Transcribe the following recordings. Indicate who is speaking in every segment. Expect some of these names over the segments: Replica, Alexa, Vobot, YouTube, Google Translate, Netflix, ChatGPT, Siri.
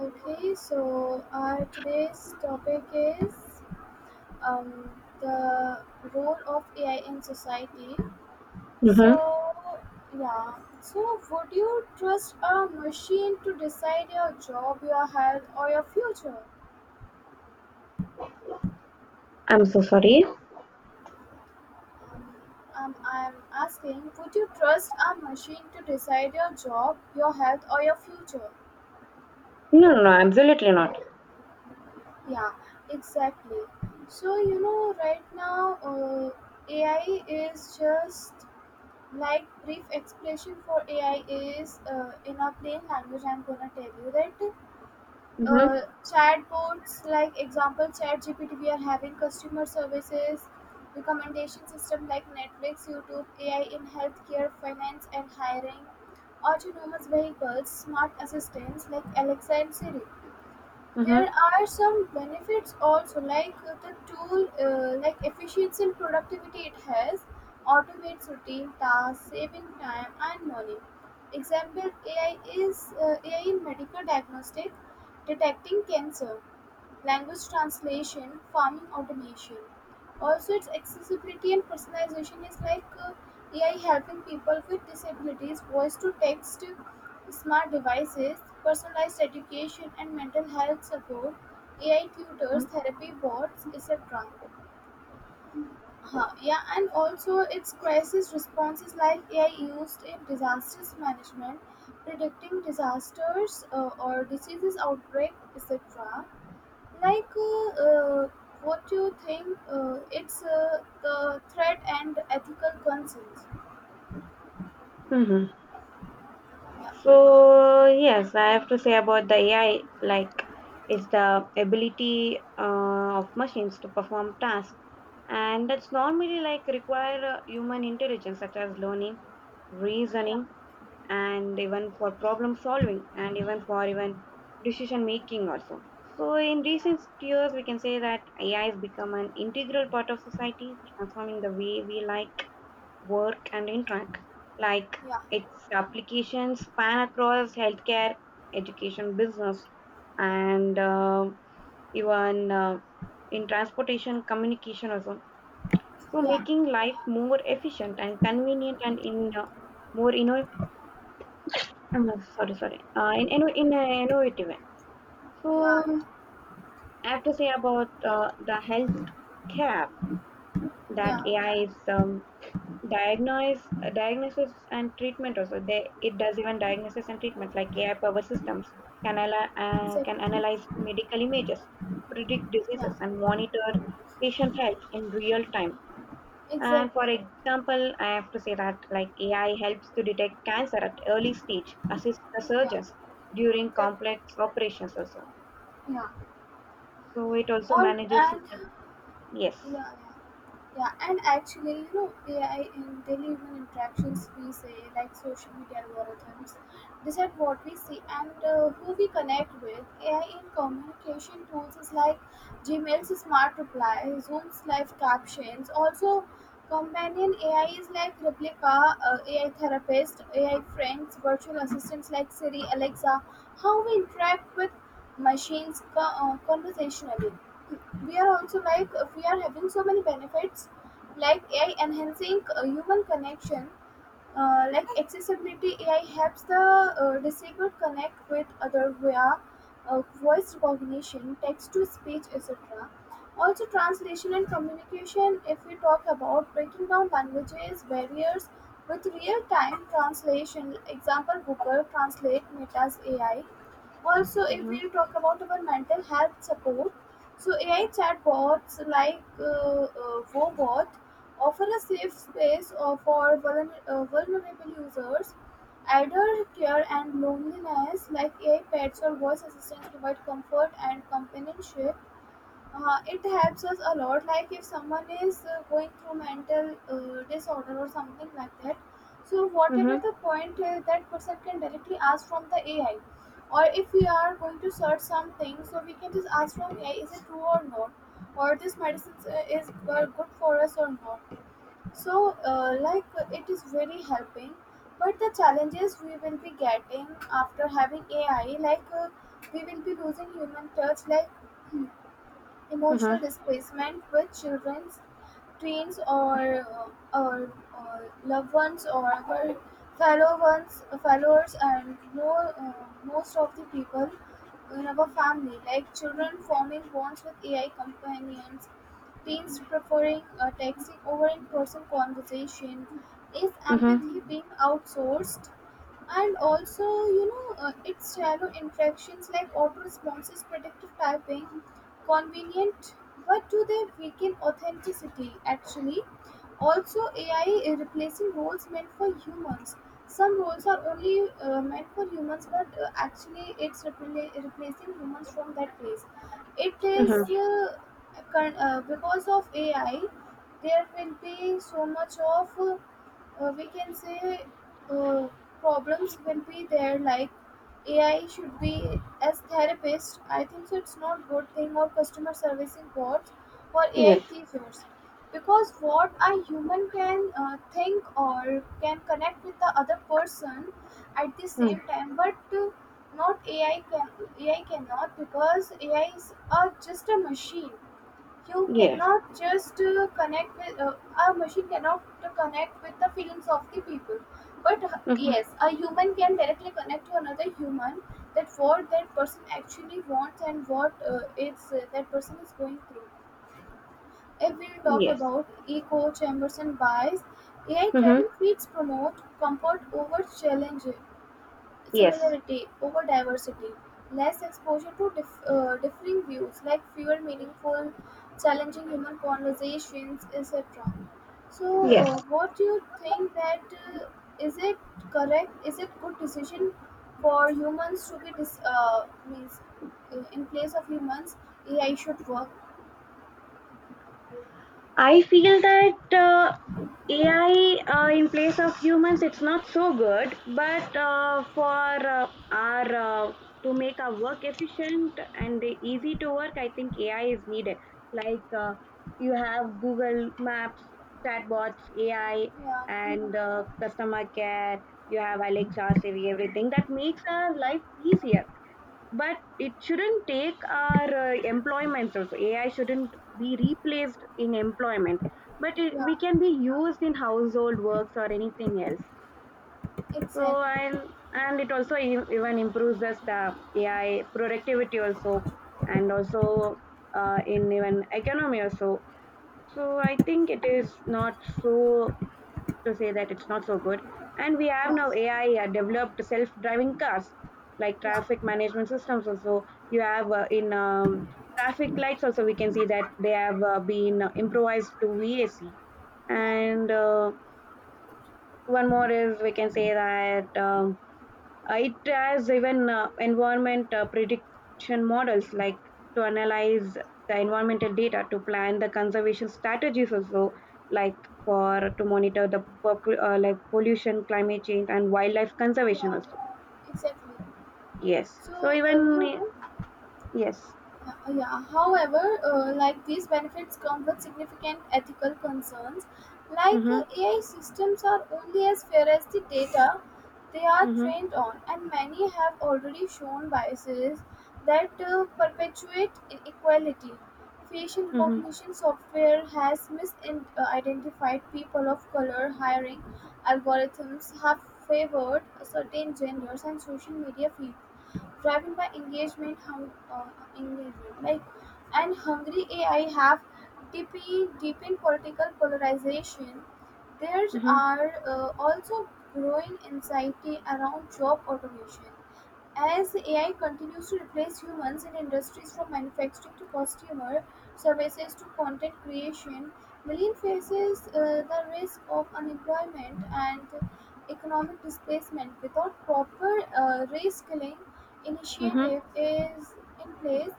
Speaker 1: Okay, so our today's topic is um, the role of AI in society.
Speaker 2: Mhm.
Speaker 1: So, yeah, so would you trust a machine to decide your job, your health, or your future?
Speaker 2: I'm so sorry.
Speaker 1: Um, I'm asking, would you trust a machine to decide your job, your health, or your future?
Speaker 2: No, no, no, absolutely not.
Speaker 1: Yeah, exactly. So, you know, right now, AI is just like brief explanation for AI is in a plain language. I'm gonna tell you that
Speaker 2: Mhm.
Speaker 1: chatbots, like example ChatGPT, we are having customer services, recommendation system like Netflix, YouTube, AI in healthcare, finance, and hiring, autonomous vehicles, smart assistants like Alexa and Siri. There
Speaker 2: Mhm.
Speaker 1: are some benefits also, like the tool, like efficiency and productivity it has, automates routine tasks, saving time and money. Example: AI in medical diagnostic, detecting cancer, language translation, farming automation. Also, its accessibility and personalization is like AI helping people with disabilities, voice to text smart devices, personalized education and mental health support, AI tutors, therapy bots, etc. Huh, yeah, and also its crisis responses like AI used in disasters management, predicting disasters or diseases outbreak, etc. Like, uh, uh, what do you think? It's The threat and ethical concerns.
Speaker 2: Mhm.
Speaker 1: Yeah,
Speaker 2: So, yes, I have to say about the AI, like, is the ability of machines to perform tasks, and that's normally like require human intelligence, such as learning,
Speaker 1: yeah,
Speaker 2: reasoning, and even for problem solving and even for even decision making also. So in
Speaker 1: yeah,
Speaker 2: recent years we can say that AI has become an integral part of society, transforming the way we like work and interact. Like
Speaker 1: yeah,
Speaker 2: its applications span across healthcare, education, business, and even in transportation, communication also, so
Speaker 1: yeah,
Speaker 2: making life more efficient and convenient and in more innovative um, sorry, sorry. In an innovative way. So
Speaker 1: yeah,
Speaker 2: I have to say about the health care that
Speaker 1: yeah,
Speaker 2: AI is diagnose diagnosis and treatment also. It does even diagnosis and treatment, like AI powered systems
Speaker 1: yeah,
Speaker 2: can
Speaker 1: exactly.
Speaker 2: analyze medical images, predict
Speaker 1: Yeah.
Speaker 2: diseases, and monitor patient health in real time. And
Speaker 1: Exactly.
Speaker 2: for example, I have to say that like AI helps to detect cancer at early stage, assists the
Speaker 1: Yeah.
Speaker 2: surgeons during
Speaker 1: Exactly.
Speaker 2: complex operations also.
Speaker 1: Yeah.
Speaker 2: So it also
Speaker 1: Or
Speaker 2: manages.
Speaker 1: and
Speaker 2: Yes.
Speaker 1: yeah. Yeah. Yeah, and actually, you know, AI in daily human interactions, we say, like social media algorithms, decide what we see and who we connect with. AI in communication tools is like Gmail's smart reply, Zoom's live captions. Also, companion AI is like Replica, AI therapist, AI friends, virtual assistants like Siri, Alexa. How we interact with machines conversationally, we are also like we are having so many benefits like AI enhancing human connection, like accessibility, AI helps the disabled connect with other via voice recognition, text to speech, etc. Also translation and communication, if we talk about breaking down languages barriers with real-time translation, example Google Translate, Meta's AI. Also, if
Speaker 2: Mm-hmm.
Speaker 1: we talk about our mental health support, so AI chatbots like Vobot offer a safe space uh, for vulnerable users. Elder care and loneliness, like AI pets or voice assistants, provide comfort and companionship. It helps us a lot, like if someone is going through mental disorder or something like that. So whatever
Speaker 2: Mm-hmm.
Speaker 1: the point, that person can directly ask from the AI. Or if we are going to search something, so we can just ask from AI, is it true or not, or this medicine is good for us or not. So it is very helping, but the challenges we will be getting after having AI, like we will be losing human touch, like emotional
Speaker 2: Mm-hmm.
Speaker 1: displacement with children, teens, or, uh, or, or loved ones or other fellow ones, followers, and no, most of the people in our family, like children forming bonds with AI companions, teens preferring texting over in-person conversation, is empathy
Speaker 2: Mm-hmm.
Speaker 1: being outsourced? And also, you know, it's shallow interactions like auto responses, predictive typing, convenient, but do they weaken authenticity? Actually, also AI is replacing roles meant for humans. Some roles are only meant for humans, but actually, it's replacing humans from that place. It is
Speaker 2: Mm-hmm.
Speaker 1: uh, because of AI, there will be so much of we can say uh, problems will be there, like AI should be as therapist, I think so it's not good thing, or customer servicing bots or AI
Speaker 2: Yes.
Speaker 1: teachers, because what a human can think or can connect with the other person at the same
Speaker 2: Mm.
Speaker 1: time, but not AI can. AI cannot, because AI is just a machine. You
Speaker 2: Yes.
Speaker 1: cannot just connect with a machine cannot connect with the feelings of the people, but
Speaker 2: Mm-hmm.
Speaker 1: yes, a human can directly connect to another human, that what that person actually wants and what it's that person is going through. If we talk
Speaker 2: Yes.
Speaker 1: about echo chambers and bias, AI
Speaker 2: Mm-hmm.
Speaker 1: driven feeds promote comfort over challenge,
Speaker 2: Yes.
Speaker 1: similarity over diversity, less exposure to differing views, like fewer meaningful, challenging human conversations, etc. So,
Speaker 2: Yes.
Speaker 1: what do you think that uh, is it correct? Is it good decision for humans to be means in place of humans, AI should work?
Speaker 2: I feel that AI in place of humans, it's not so good. But for our uh, to make our work efficient and easy to work, I think AI is needed. Like you have Google Maps, chatbots, AI,
Speaker 1: Yeah, mhm,
Speaker 2: and customer care. You have Alexa, Siri, everything that makes our
Speaker 1: yeah,
Speaker 2: life easier. But it shouldn't take our employments also. AI shouldn't be replaced in employment, but it,
Speaker 1: yeah,
Speaker 2: we can be used in household works or anything else. So
Speaker 1: exactly.
Speaker 2: and it also even improves the staff AI productivity also, and also in even economy also. So I think it is not so to say that it's not so good. And we have
Speaker 1: Yeah,
Speaker 2: now AI developed self-driving cars, like
Speaker 1: yeah,
Speaker 2: traffic management systems. Also, you have in traffic lights. Also, we can see that they have been improvised to VAC.
Speaker 1: yeah,
Speaker 2: And one more is we can say that, it has even environment prediction models like to analyze the environmental data to plan the conservation strategies also, like for to monitor the like pollution, climate change, and wildlife conservation
Speaker 1: yeah,
Speaker 2: also.
Speaker 1: exactly.
Speaker 2: Yes,
Speaker 1: So,
Speaker 2: so
Speaker 1: you
Speaker 2: even
Speaker 1: know.
Speaker 2: yes.
Speaker 1: Yeah. However, like these benefits come with significant ethical concerns. Like
Speaker 2: Mhm.
Speaker 1: AI systems are only as fair as the data they are
Speaker 2: Mhm.
Speaker 1: trained on, and many have already shown biases that perpetuate inequality. Facial
Speaker 2: Mhm.
Speaker 1: recognition software has misidentified people of color. Hiring algorithms have favored certain genders, and social media feeds driven by engagement and hungry AI have deepened political polarization. There
Speaker 2: Mhm.
Speaker 1: are also growing anxiety around job automation as AI continues to replace humans in industries from manufacturing to consumer services to content creation. Million faces the risk of unemployment and economic displacement without proper reskilling
Speaker 2: Mhm.
Speaker 1: initiative is in place.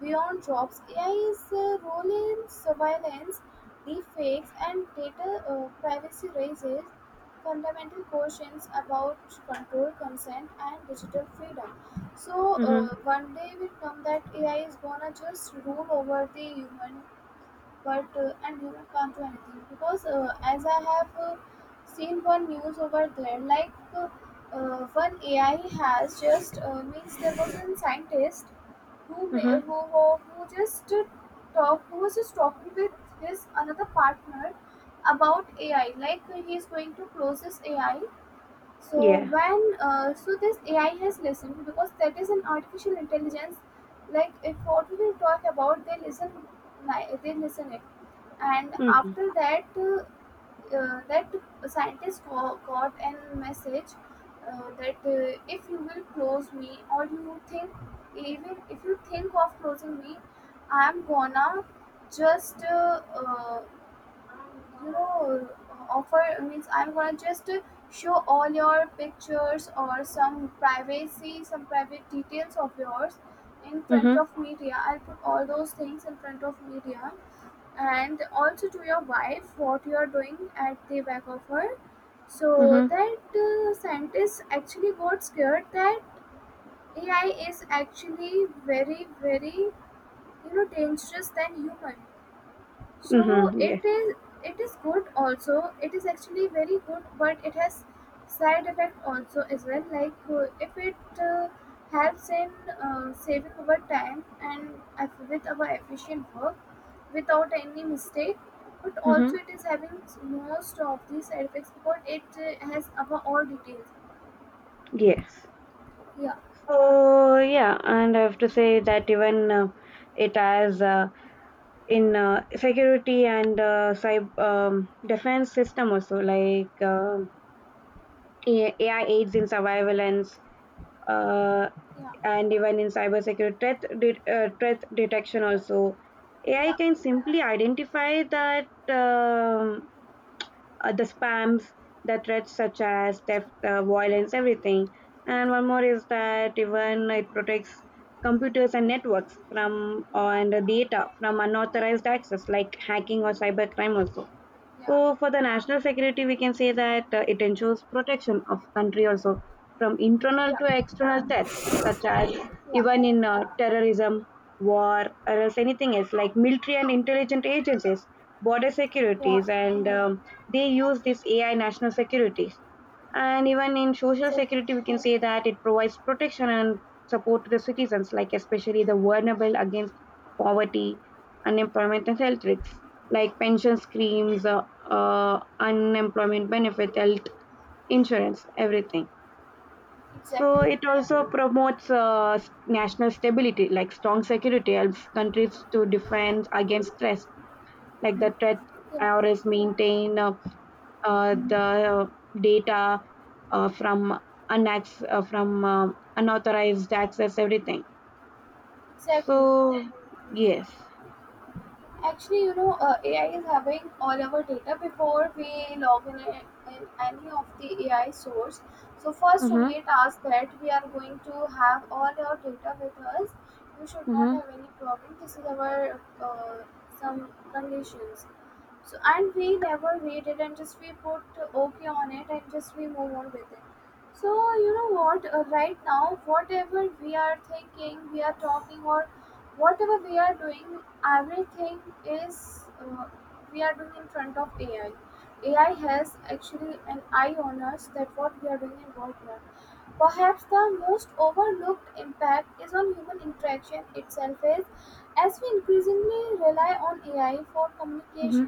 Speaker 1: Beyond jobs, AI's role in surveillance, deepfakes, and data privacy raises fundamental questions about control, consent, and digital freedom. So
Speaker 2: Mhm.
Speaker 1: one day will come that AI is gonna just rule over the human, but and human can't do anything, because as I have seen one news over there, like one AI has just means there was a scientist who ma-
Speaker 2: Mhm.
Speaker 1: who just talk who was just talking with his another partner about AI. Like he is going to close this AI. So
Speaker 2: Yeah.
Speaker 1: when so this AI has listened, because that is an artificial intelligence, like if what we will talk about they listen. They listen it. And after
Speaker 2: Mhm.
Speaker 1: that, that scientist got a message that if you will close me, or you think, even if you think of closing me, I'm gonna just you know offer, means I'm gonna just show all your pictures or some privacy, some private details of yours in front
Speaker 2: Mhm.
Speaker 1: of media. I'll put all those things in front of media, and also to your wife what you are doing at the back of her. So
Speaker 2: Mhm.
Speaker 1: that scientists actually got scared that AI is actually very very, you know, dangerous than human. So
Speaker 2: Mhm. Yes.
Speaker 1: it is, it is good also. It is actually very good, but it has side effect also as well. Like if it uh, helps in saving our time and with our efficient work without any mistake. But
Speaker 2: Mhm.
Speaker 1: also it is having most of these side effects because it has our all details.
Speaker 2: Yes.
Speaker 1: Yeah,
Speaker 2: Yeah, and I have to say that even it has in security and cyber defense system also, like AI aids in surveillance and
Speaker 1: yeah,
Speaker 2: even in cyber security threat detection also. AI
Speaker 1: yeah,
Speaker 2: can simply identify that, um the spams, the threats such as theft, violence, everything. And one more is that even it protects computers and networks from
Speaker 1: yeah,
Speaker 2: and the data from unauthorized access like hacking or cybercrime also.
Speaker 1: yeah,
Speaker 2: So for the national security, we can say that it ensures protection of country also from internal
Speaker 1: yeah,
Speaker 2: to external threats, such as
Speaker 1: yeah,
Speaker 2: even in terrorism, war, or else anything else like military and intelligent agencies, border
Speaker 1: yeah.
Speaker 2: securities, and they use this AI national security. And even in social
Speaker 1: Exactly,
Speaker 2: security, we can say that it provides protection and support to the citizens, like especially the vulnerable against poverty, unemployment, and health risks, like pension schemes, unemployment benefit, health insurance, everything. So
Speaker 1: exactly.
Speaker 2: it also promotes national stability, like strong security helps countries to defend against threats, like the threat
Speaker 1: Yeah,
Speaker 2: IRS maintain the data from from unauthorized access, everything.
Speaker 1: exactly.
Speaker 2: So yes.
Speaker 1: Actually, you know, AI is having all our data before we log in, in any of the AI source. So first
Speaker 2: Mm-hmm,
Speaker 1: only it asks that we are going to have all our data with us. You should not
Speaker 2: mm-hmm,
Speaker 1: have any problem. This is our some conditions. So and we never read it and just we put okay on it and just we move on with it. So you know what? Right now, whatever we are thinking, we are talking or whatever we are doing, everything is we are doing in front of AI. AI has actually an eye on us, that what we are doing and what we are. Perhaps the most overlooked impact is on human interaction itself, is as we increasingly rely on AI for
Speaker 2: mm-hmm,
Speaker 1: communication,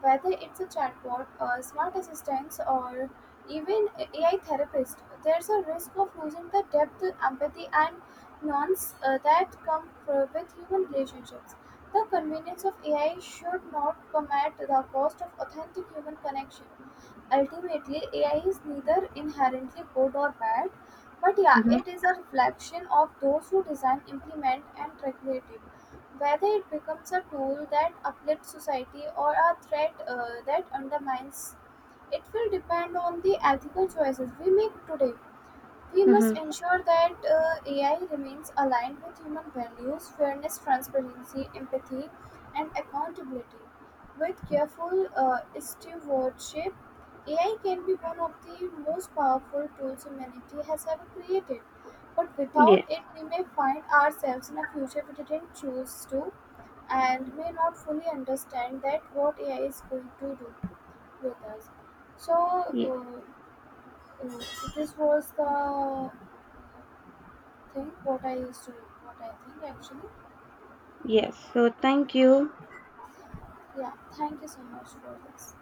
Speaker 1: whether it's a chatbot, a smart assistant, or even a AI therapist, there's a risk of losing the depth, empathy, and nuance that come with human relationships. The convenience of AI should not come at the cost of authentic human connection. Ultimately, AI is neither inherently good or bad, but yeah,
Speaker 2: mm-hmm,
Speaker 1: it is a reflection of those who design, implement, and regulate it. Whether it becomes a tool that uplifts society or a threat that undermines, it will depend on the ethical choices we make today. We must
Speaker 2: mm-hmm.
Speaker 1: ensure that AI remains aligned with human values, fairness, transparency, empathy, and accountability. With careful stewardship, AI can be one of the most powerful tools humanity has ever created. But without it, we may find ourselves in a future we didn't choose to, and may not fully understand that what AI is going to do with us. So,
Speaker 2: Yes.
Speaker 1: uh, uh, this was the think what I used to what I think actually.
Speaker 2: Yes, so thank you.
Speaker 1: Yeah, thank you so much for this.